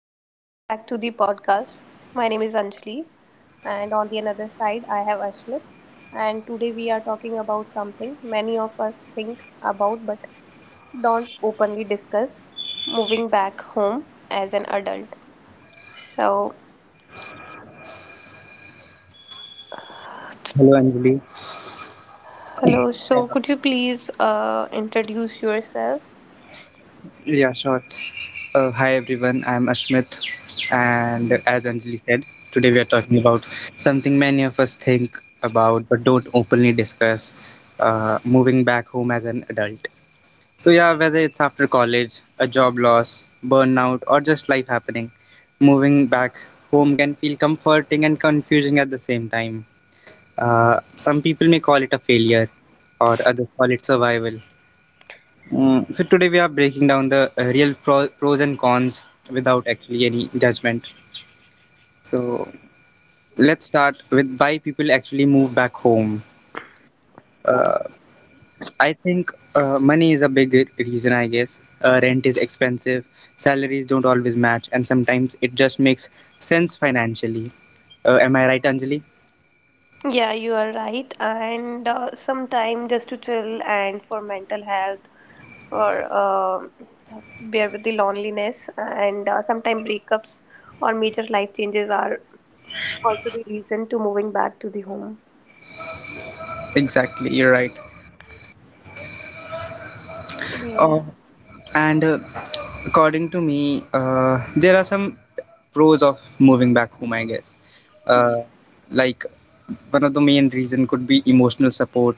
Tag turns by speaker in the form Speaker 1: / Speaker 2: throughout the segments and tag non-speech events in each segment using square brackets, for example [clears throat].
Speaker 1: Hi, welcome back to the podcast. My name is Anjali, and on the another side, I have Ashmit. And today we are talking about something many of us think about but don't openly discuss moving back home as an adult. So,
Speaker 2: Hello, Anjali.
Speaker 1: hello, so
Speaker 2: Uh,
Speaker 1: could you please introduce yourself?
Speaker 2: yeah, sure. Hi, everyone. I'm Ashmit, and as Anjali said, today we are talking about something many of us think about but don't openly discuss moving back home as an adult. So, whether it's after college, a job loss, burnout, or just life happening, moving back home can feel comforting and confusing at the same time. Some people may call it a failure, or others call it survival. So today we are breaking down the pros and cons without actually any judgment. So let's start with why people actually move back home. Uh, I think money is a big reason, I guess. Rent is expensive, salaries don't always match, and sometimes it just makes sense financially. Am I right, Anjali?
Speaker 1: Yeah, you are right. And some time just to chill and for mental health or bear with the loneliness and sometimes breakups or major life changes are also the reason to moving back to the home.
Speaker 2: Exactly, you're right.
Speaker 1: Yeah,
Speaker 2: Oh, and According to me, there are some pros of moving back home, I guess. Uh, like one of the main reason could be emotional support.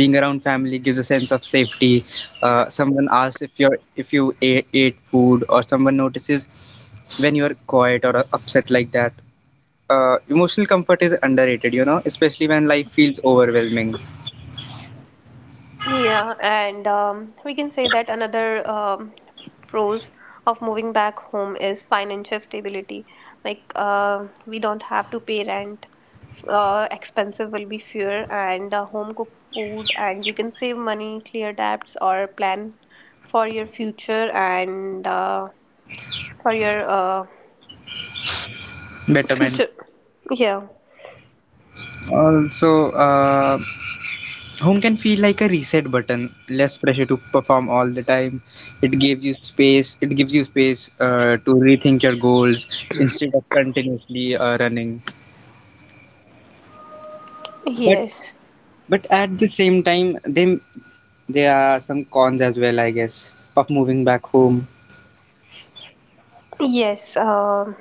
Speaker 2: Being around family gives a sense of safety. Someone asks if you ate food, or someone notices when you are quiet or upset like that. Emotional comfort is underrated, especially when life feels overwhelming.
Speaker 1: yeah, and we can say that another pros of moving back home is financial stability, like we don't have to pay rent, expensive will be fewer, and home cooked food, and you can save money, clear debts, or plan for your future, and for your
Speaker 2: Betterment.
Speaker 1: future. Yeah.
Speaker 2: Also, home can feel like a reset button, less pressure to perform all the time. It gives you space. It gives you space to rethink your goals instead of continuously running. But
Speaker 1: Yes.
Speaker 2: but at the same time, there are some cons as well, I guess, of moving back home.
Speaker 1: Yes.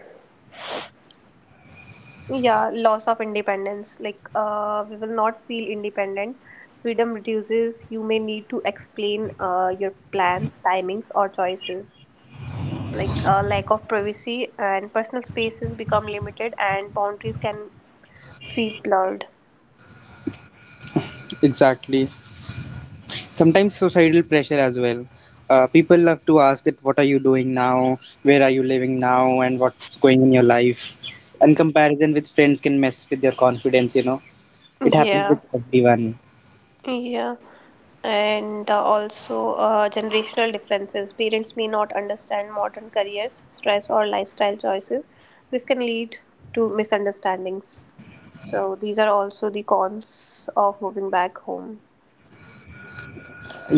Speaker 1: Yeah. Loss of independence. Like, we will not feel independent. Freedom reduces. You may need to explain your plans, timings, or choices. Like, lack of privacy and personal spaces become limited, and boundaries can feel blurred.
Speaker 2: Exactly. Sometimes societal pressure as well. People love to ask that what are you doing now, where are you living now, and what's going in your life. And comparison with friends can mess with your confidence, you know. It happens with
Speaker 1: Yeah.
Speaker 2: everyone.
Speaker 1: Yeah. And also generational differences. Parents may not understand modern careers, stress, or lifestyle choices. This can lead to misunderstandings. So, these are also the cons of moving back home.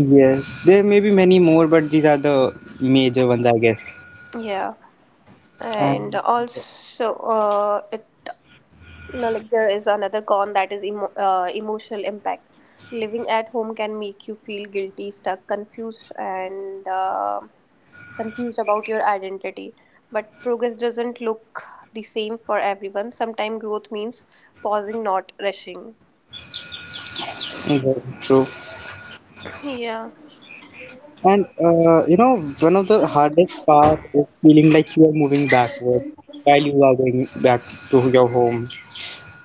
Speaker 2: Yes, there may be many more, but these are the major ones, I guess.
Speaker 1: Yeah, and
Speaker 2: And
Speaker 1: also, it no, like there is another con, that is emotional impact. Living at home can make you feel guilty, stuck, confused, and confused about your identity. But progress doesn't look the same for everyone. Sometimes growth means pausing, not rushing.
Speaker 2: very true.
Speaker 1: Yeah.
Speaker 2: And one of the hardest part is feeling like you are moving backward while you are going back to your home.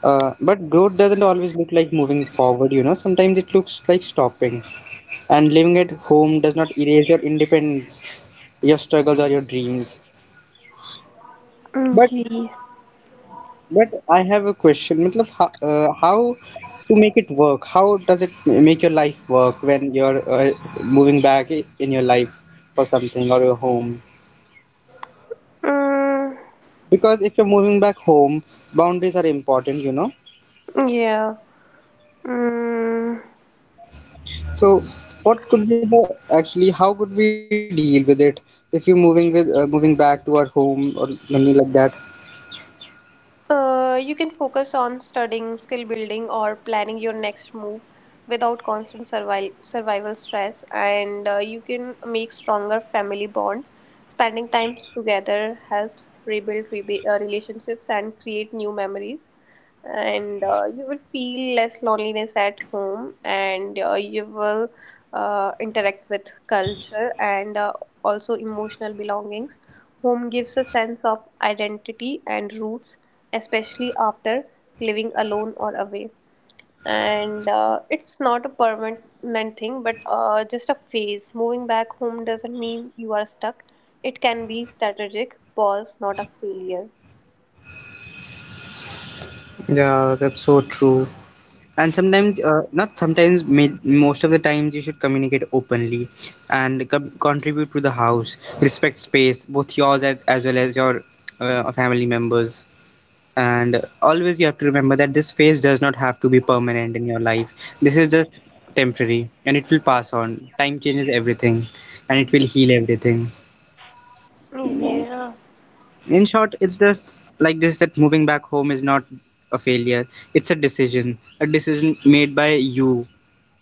Speaker 2: But growth doesn't always look like moving forward, you know. Sometimes it looks like stopping. And living at home does not erase your independence, your struggles, or your dreams.
Speaker 1: Mm,
Speaker 2: But
Speaker 1: yeah.
Speaker 2: But I have a question. मतलब how to make it work? How does it make your life work when you're moving back in your life for something or your home?
Speaker 1: Mm,
Speaker 2: Because if you're moving back home, boundaries are important, you know.
Speaker 1: yeah. Mm.
Speaker 2: So what could be the actually how could we deal with it if you're moving back to our home or something like that?
Speaker 1: You can focus on studying, skill building, or planning your next move without constant survival stress. And you can make stronger family bonds. Spending time together helps rebuild relationships and create new memories. And you will feel less loneliness at home, and you will interact with culture and also emotional belongings. Home gives a sense of identity and roots, especially after living alone or away. And it's not a permanent thing, but just a phase. Moving back home doesn't mean you are stuck. It can be strategic pause, not a failure.
Speaker 2: Yeah, that's so true. And sometimes not sometimes may, most of the times you should communicate openly and contribute to the house, respect space, both yours as well as your family members, and always you have to remember that this phase does not have to be permanent in your life. This is just temporary and it will pass. On time changes everything and it will heal everything.
Speaker 1: Yeah.
Speaker 2: In short, it's just like this, that moving back home is not a failure. It's a decision made by you,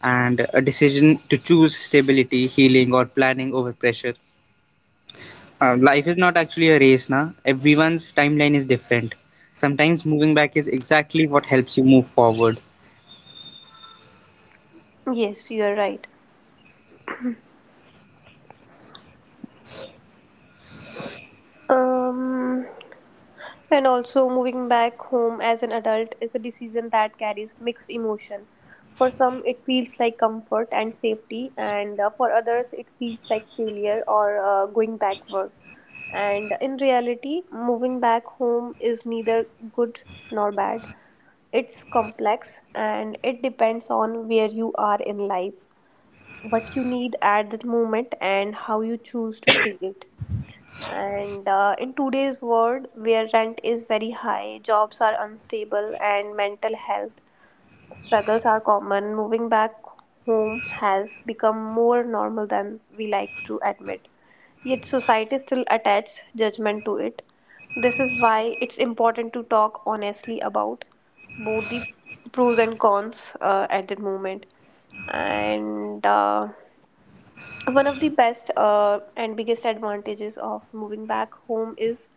Speaker 2: and a decision to choose stability, healing, or planning over pressure. Life is not actually a race, na. Everyone's timeline is different. Sometimes moving back is exactly what helps you move forward.
Speaker 1: Yes, you are right. Um, and also moving back home as an adult is a decision that carries mixed emotion. For some, it feels like comfort and safety, and for others, it feels like failure or going backward. And in reality, moving back home is neither good nor bad. It's complex, and it depends on where you are in life, what you need at that moment, and how you choose to see it. And in today's world, where rent is very high, jobs are unstable, and mental health struggles are common, moving back home has become more normal than we like to admit. Yet society still attaches judgment to it. This is why it's important to talk honestly about both the pros and cons at the moment. And one of the best and biggest advantages of moving back home is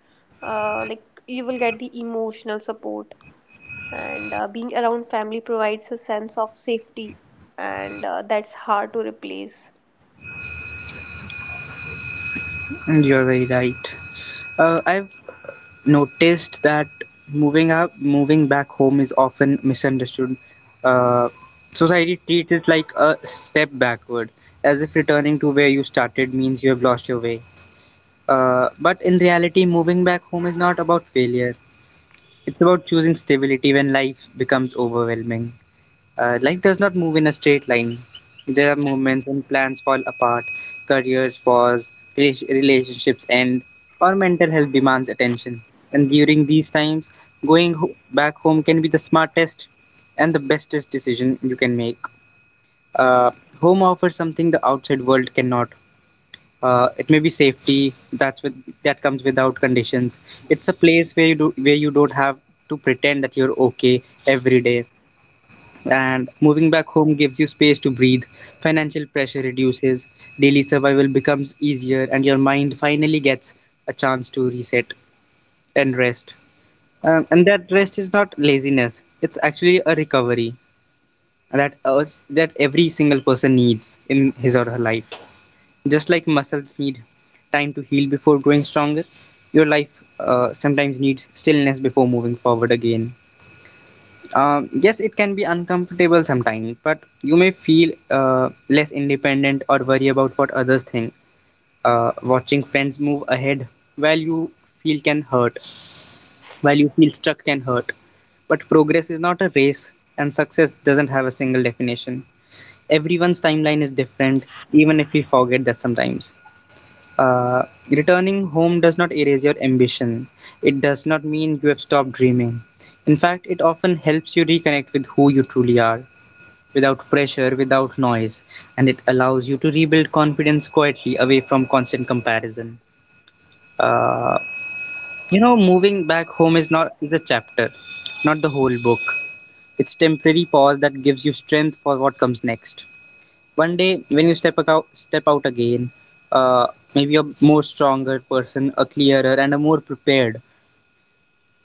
Speaker 1: like you will get the emotional support, and being around family provides a sense of safety, and that's hard to replace.
Speaker 2: And you're very right. I've noticed that moving back home is often misunderstood. uh, Society treats it like a step backward, as if returning to where you started means you have lost your way. But in reality, moving back home is not about failure. It's about choosing stability when life becomes overwhelming. Life does not move in a straight line. There are moments when plans fall apart, careers pause, relationships end, or mental health demands attention. And during these times, back home can be the smartest and the bestest decision you can make. Uh, home offers something the outside world cannot. It may be safety that comes without conditions. It's a place where where you don't have to pretend that you're okay every day. And moving back home gives you space to breathe. Financial pressure reduces, daily survival becomes easier, and your mind finally gets a chance to reset and rest. Um, and that rest is not laziness, it's actually a recovery that every single person needs in his or her life. Just like muscles need time to heal before growing stronger, your life sometimes needs stillness before moving forward again. Um, yes, it can be uncomfortable sometimes, but you may feel less independent or worry about what others think. Watching friends move ahead while you feel can hurt, while you feel stuck can hurt. But progress is not a race, and success doesn't have a single definition. Everyone's timeline is different, even if we forget that sometimes. Uh, Returning home does not erase your ambition. It does not mean you have stopped dreaming. In fact, it often helps you reconnect with who you truly are, without pressure, without noise, and it allows you to rebuild confidence quietly away from constant comparison. Uh, moving back home is not is a chapter, not the whole book. It's temporary pause that gives you strength for what comes next. One day when you step out again, uh, maybe a more stronger person, a clearer and a more prepared,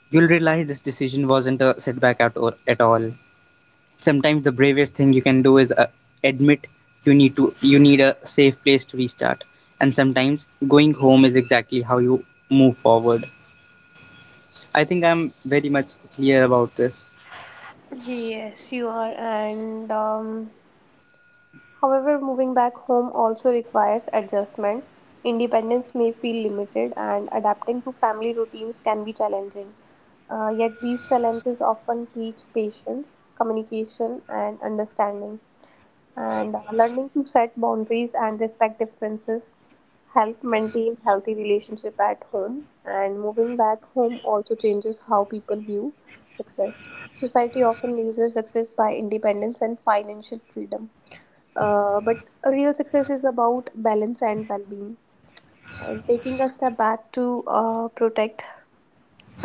Speaker 2: you'll realize this decision wasn't a setback at all. Sometimes the bravest thing you can do is admit you need a safe place to restart, and sometimes going home is exactly how you move forward. I think I'm very much clear about this.
Speaker 1: Yes, you are, and however, moving back home also requires adjustment. Independence may feel limited, and adapting to family routines can be challenging. Yet, these challenges often teach patience, communication, and understanding. And learning to set boundaries and respect differences help maintain healthy relationship at home. And moving back home also changes how people view success. Society often measures success by independence and financial freedom, but real success is about balance and well-being. And taking a step back to protect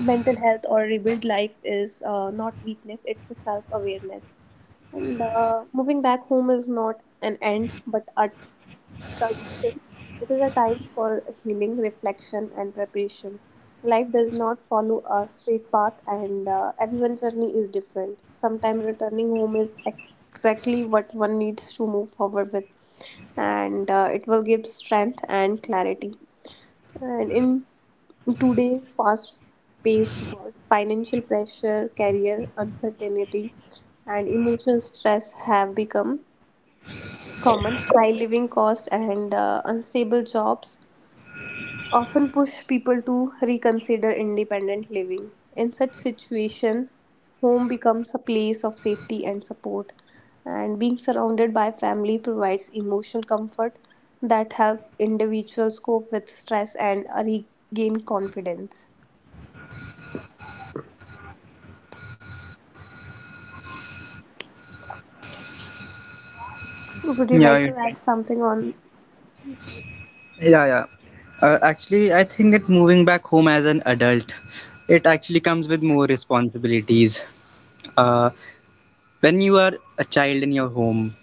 Speaker 1: mental health or rebuild life is not weakness; it's a self-awareness. And moving back home is not an end, but a transition. It is a time for healing, reflection, and preparation. Life does not follow a straight path, and everyone's journey is different. Sometimes returning home is exactly what one needs to move forward with, and it will give strength and clarity. And in today's fast paced world, financial pressure, career uncertainty, and emotional stress have become common. High living costs and unstable jobs often push people to reconsider independent living. In such situation, home becomes a place of safety and support, and being surrounded by family provides emotional comfort that help individuals cope with stress and regain confidence. Would you
Speaker 2: Yeah, you're
Speaker 1: like to add something on?
Speaker 2: Yeah, yeah. Actually, I think that moving back home as an adult, it actually comes with more responsibilities. Uh, when you are a child in your home,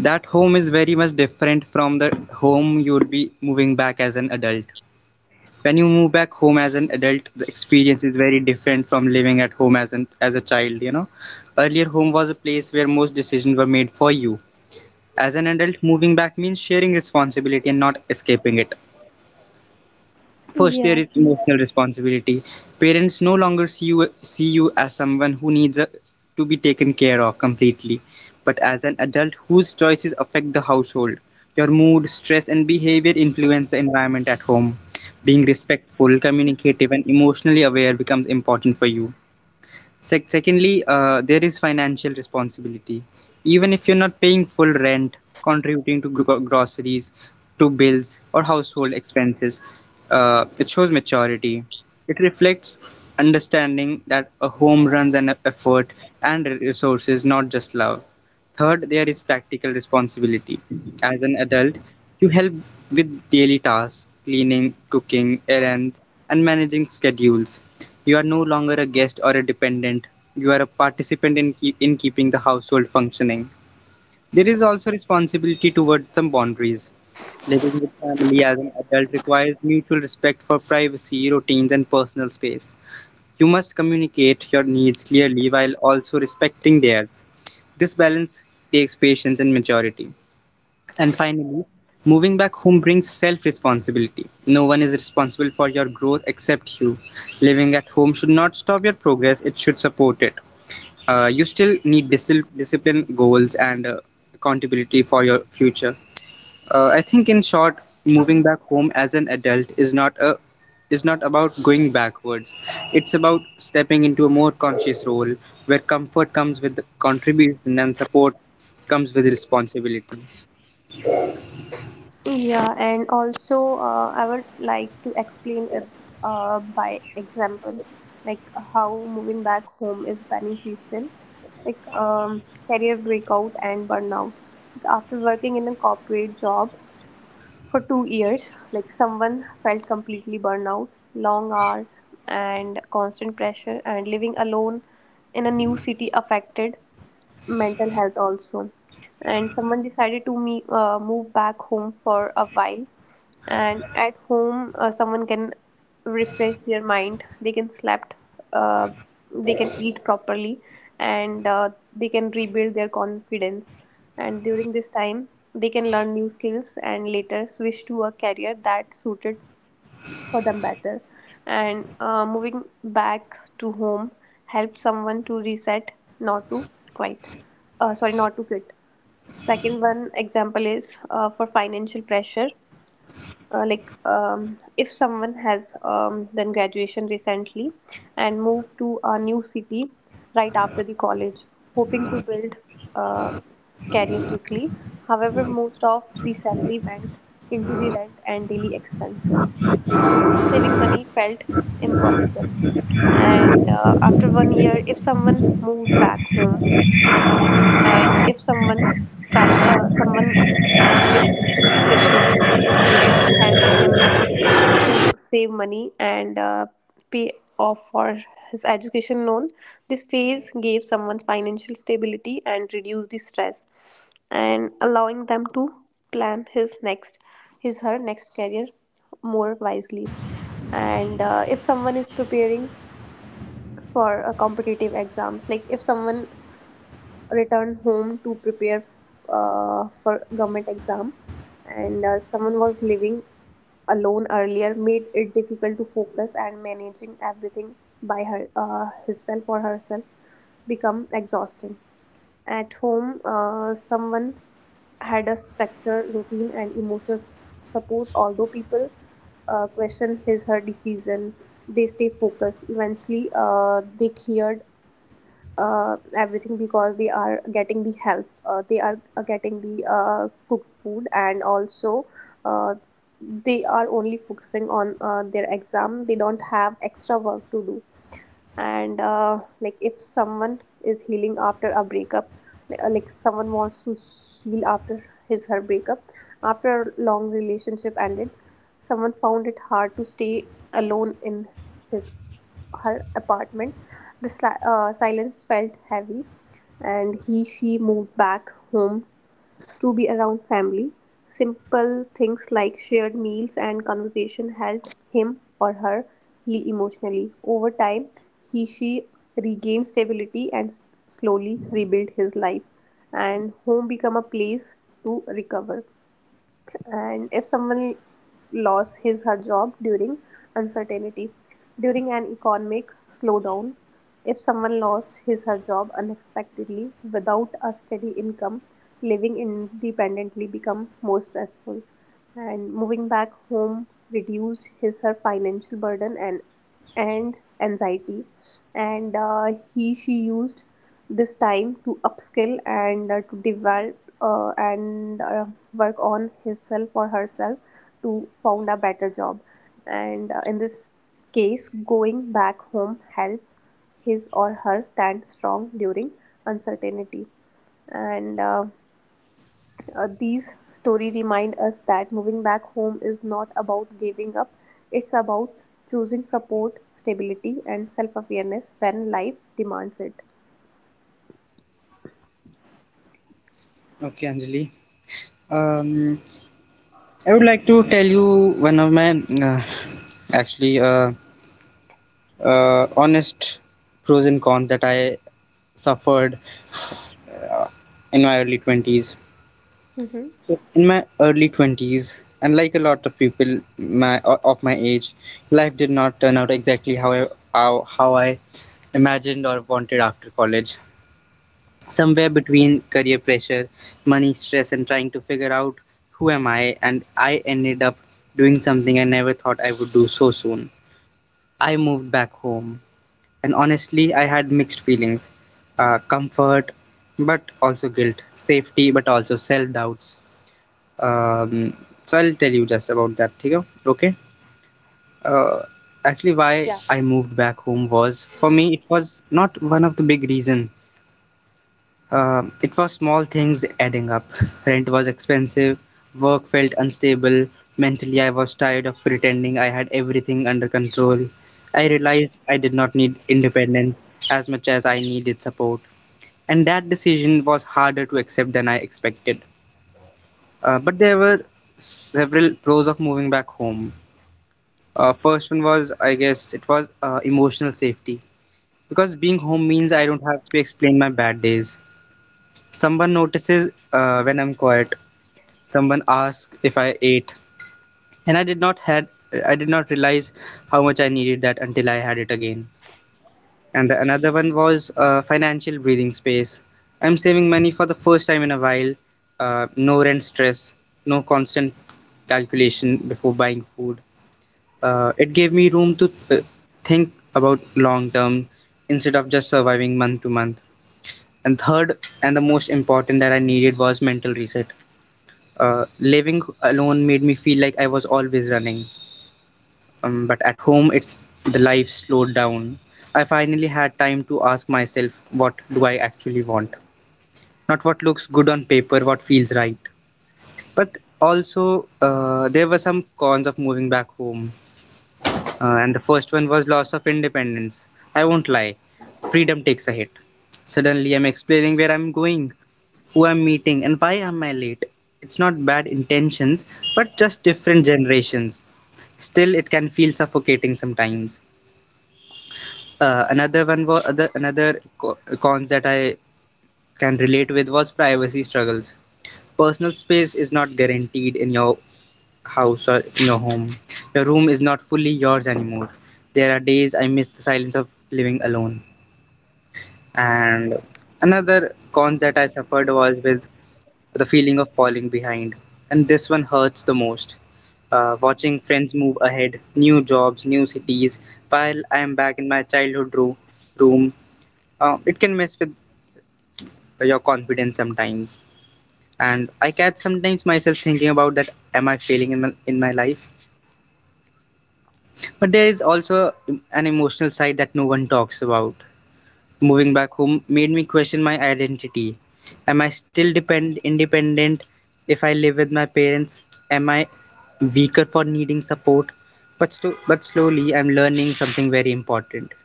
Speaker 2: that home is very much different from the home you would be moving back as an adult. When you move back home as an adult, the experience is very different from living at home as an as a child, you know. Earlier, home was a place where most decisions were made for you. As an adult, moving back means sharing responsibility and not escaping it. First, there
Speaker 1: Yeah.
Speaker 2: is emotional responsibility. Parents no longer see you as someone who needs to be taken care of completely, but as an adult whose choices affect the household. Your mood, stress, and behavior influence the environment at home. Being respectful, communicative, and emotionally aware becomes important for you. Secondly, there is financial responsibility. Even if you're not paying full rent, contributing to groceries, to bills, or household expenses, it shows maturity. It reflects understanding that a home runs an effort and resources, not just love. Third, there is practical responsibility. As an adult, you help with daily tasks, cleaning, cooking, errands, and managing schedules. You are no longer a guest or a dependent. You are a participant in keeping the household functioning. There is also responsibility towards some boundaries. Living with family as an adult requires mutual respect for privacy, routines, and personal space. You must communicate your needs clearly while also respecting theirs. This balance takes patience and maturity. And finally, moving back home brings self responsibility. No one is responsible for your growth except you. Living at home should not stop your progress, it should support it. You still need discipline, goals, and accountability for your future. I think in short, moving back home as an adult is not a is not about going backwards. It's about stepping into a more conscious role where comfort comes with contribution and support comes with responsibility.
Speaker 1: Yeah, and also I would like to explain it by example, like how moving back home is beneficial, like career breakout and burnout. Like after working in a corporate job for 2 years, like someone felt completely burnout, long hours and constant pressure, and living alone in a new city affected mental health also. And someone decided to me move back home for a while, and at home someone can refresh their mind, they can slept, uh, they can eat properly, and they can rebuild their confidence, and during this time they can learn new skills and later switch to a career that suited for them better. And moving back to home helps someone to reset, not to quit. Sorry, not to quit. Second one example is for financial pressure. Like if someone has done graduation recently and moved to a new city right after the college, hoping to build a career quickly. However, most of the salary went into the rent and daily expenses. Saving money felt impossible, and after 1 year, if someone moved back home, and if someone try someone lives with his parents, helped him to save money and pay off for his education loan. This phase gave someone financial stability and reduced the stress, and allowing them to plan his her next career more wisely. And if someone is preparing for a competitive exams, like if someone returned home to prepare for government exam. And someone was living alone earlier made it difficult to focus, and managing everything by her himself or herself become exhausting. At home someone had a structured routine and emotional support. Although people question his her decision, they stay focused. Eventually they cleared everything, because they are getting the help, they are getting the cooked food, and also uh, they are only focusing on their exam, they don't have extra work to do. And like if someone is healing after a breakup, like someone wants to heal after his her breakup. After a long relationship ended, someone found it hard to stay alone in his her apartment. The silence felt heavy, and he she moved back home to be around family. Simple things like shared meals and conversation helped him or her heal emotionally. Over time, he she regained stability and slowly rebuilt his life, and home become a place to recover. And if someone lost his her job during uncertainty, during an economic slowdown, if someone lost his her job unexpectedly without a steady income, living independently become more stressful. And moving back home reduced his her financial burden and and anxiety. And he she used this time to upskill, and to develop, and work on himself or herself to found a better job. And in this case, going back home helped his or her stand strong during uncertainty. And these stories remind us that moving back home is not about giving up, it's about choosing support, stability, and self awareness when life demands it.
Speaker 2: Okay, Anjali. Um, I would like to tell you one of my actually honest pros and cons that I suffered uh, in my early 20s.
Speaker 1: Mm-hmm.
Speaker 2: In my early 20s, and like a lot of people my of my age, life did not turn out exactly how I imagined or wanted. After college, somewhere between career pressure, money stress, and trying to figure out who am I, and I ended up doing something I never thought I would do so soon. I moved back home, and honestly I had mixed feelings. Uh, comfort but also guilt, safety but also self doubts. Um, so I'll tell you just about that, Tigo. Okay. Uh, why
Speaker 1: Yeah.
Speaker 2: I moved back home was, for me
Speaker 1: Mm-hmm.
Speaker 2: it was not one of the big reason. Um, it was small things adding up. [laughs] Rent was expensive. Work felt unstable. Mentally, I was tired of pretending I had everything under control. I
Speaker 1: Mm-hmm.
Speaker 2: realized I did not need independence as much as I needed support, and that decision was harder to accept than I expected. But there were several pros of moving back home. First one was, I guess, it was emotional safety. Because being home means I don't have to explain my bad days. Someone notices when I'm quiet. Someone asks if I ate, and I did not realize how much I needed that until I had it again. And another one was financial breathing space. I'm saving money for the first time in a while. No rent stress, no constant calculation before buying food. It gave me room to think about long term instead of just surviving month to month. And third, and the most important that I needed was mental reset. Living alone made me feel like I was always running. But at home, it's the life slowed down. I finally had time to ask myself, what do I actually want? Not what looks good on paper, what feels right. But also, there were some cons of moving back home, and the first one was loss of independence. I won't lie, freedom takes a hit. Suddenly, I'm explaining where I'm going, who I'm meeting, and why am I late. It's not bad intentions, but just different generations. Still, it can feel suffocating sometimes. Another one was other, cons that I can relate with was privacy struggles. Personal space is not guaranteed in your house or in your home. Your room is not fully yours anymore. There are days I miss the silence of living alone, and another cons that I suffered was with the feeling of falling behind, and this one hurts the most. Uh, watching friends move ahead, new jobs, new cities, while I am back in my room. It can mess with your confidence sometimes, and I catch sometimes myself thinking about that, am I failing in my life? But there is also an emotional side that no one talks about. Moving back home made me question my identity. Am I still depend independent if I live with my parents? Am I weaker for needing support? But slowly I'm learning something very important.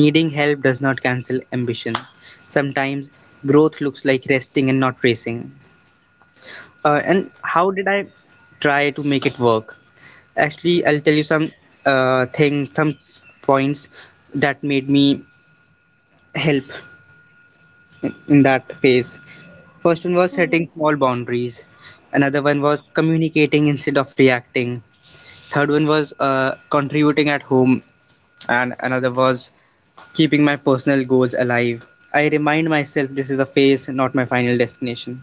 Speaker 2: Needing help does not cancel ambition. Sometimes growth looks like resting and not racing. And how did I try to make it work? Actually, I'll tell you some some points that made me help in that phase. First one
Speaker 1: Yeah.
Speaker 2: was setting small boundaries. Another one was communicating instead of reacting. Third one was contributing at home, and another was keeping my personal goals alive. I remind myself this is a phase, not my final destination.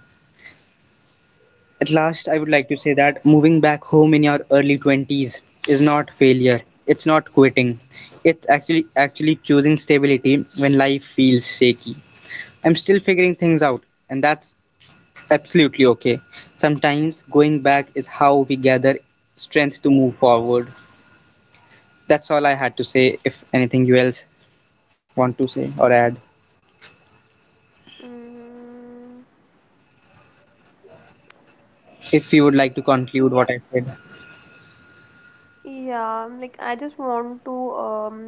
Speaker 2: At last, I would like to say that moving back home in your early 20s is not failure. It's not quitting. It's actually choosing stability when life feels shaky. I'm still figuring things out, and that's absolutely okay. Sometimes going back is how we gather strength to move forward. That's all I had to say. If anything you else want to say or add,
Speaker 1: Mm.
Speaker 2: if you would like to conclude
Speaker 1: Yeah.
Speaker 2: what I said.
Speaker 1: Yeah, like I just want to um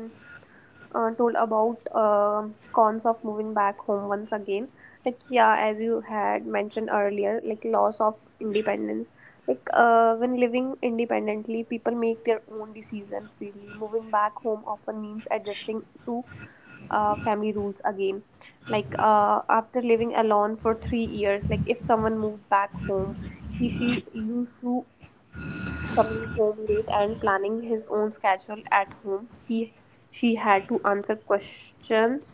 Speaker 1: uh, told about cons of moving back home once again. Like yeah, as you had mentioned earlier, like loss of independence. Like when living independently, people make their own decision freely. Moving back home often means adjusting to family rules again. Like after living alone for 3 years, like if someone moved back home, he she used to coming home late and planning his own schedule. At home, he she had to answer questions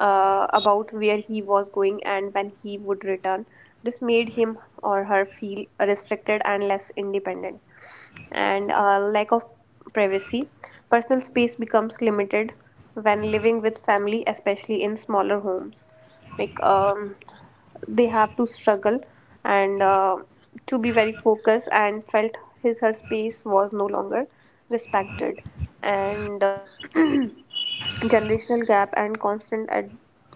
Speaker 1: about where he was going and when he would return. This made him or her feel restricted and less independent. And lack of privacy, personal space becomes limited when living with family, especially in smaller homes. Like they have to struggle and to be very focused, and felt his her space was no longer respected. And [clears throat] generational gap and constant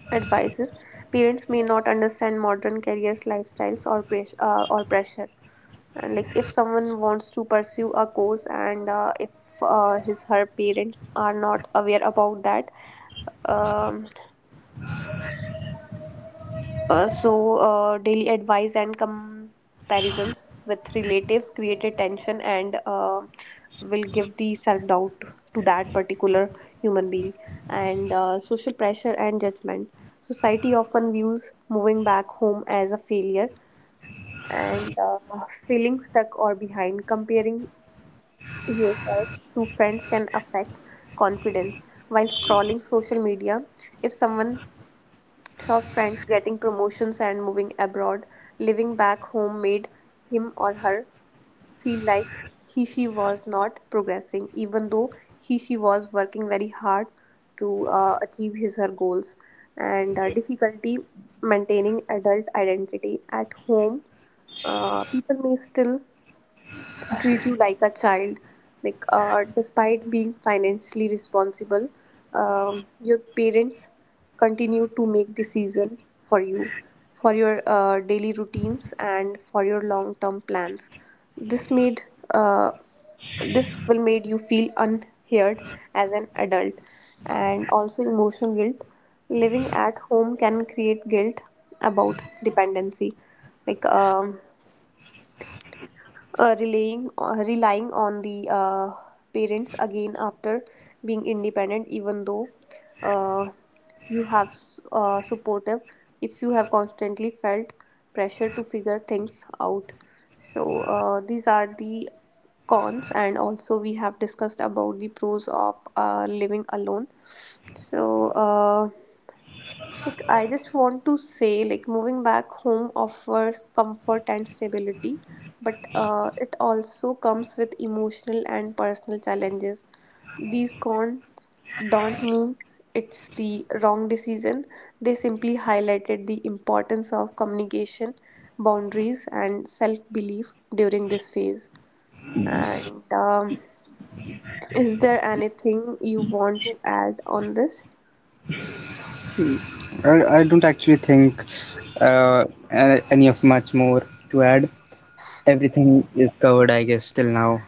Speaker 1: advices. Parents may not understand modern careers, lifestyles, or or pressure. And like if someone wants to pursue a course, and if his her parents are not aware about that, um, daily advice and comparisons with relatives created tension, and will give the self doubt to that particular human being. And social pressure and judgment. Society often views moving back home as a failure, and feeling stuck or behind. Comparing yourself to friends can affect confidence. While scrolling social media, if someone saw friends getting promotions and moving abroad, living back home made him or her feel like he she was not progressing, even though he she was working very hard to achieve his her goals. And difficulty maintaining adult identity at home, people may still treat you like a child. Like despite being financially responsible, your parents continue to make decision for you, for your daily routines and for your long term plans. this made uh, this will made you feel unheard as an adult. And also emotional guilt, living at home can create guilt about dependency. Like relying on the parents again after being independent, even though uh, you have supportive, if you have constantly felt pressure to figure things out. So these are the cons, and also we have discussed about the pros of living alone. So like, I just want to say, like, moving back home offers comfort and stability, but it also comes with emotional and personal challenges. These cons don't mean it's the wrong decision, they simply highlighted the importance of communication, boundaries, and self belief during this phase. And is there anything you want to add on this?
Speaker 2: I don't actually think uh, any of much more to add. Everything is covered, I guess, till now.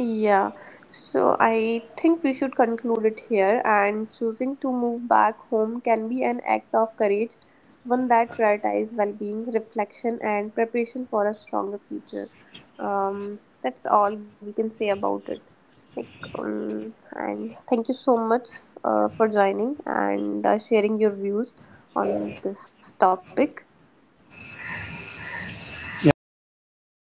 Speaker 1: Yeah, so I think we should conclude it here. And choosing to move back home can be an act of courage, one that prioritizes well being, reflection, and preparation for a stronger future. That's all we can say about it. Like, and thank you so much for joining and sharing your views on this topic.
Speaker 2: You're most welcome,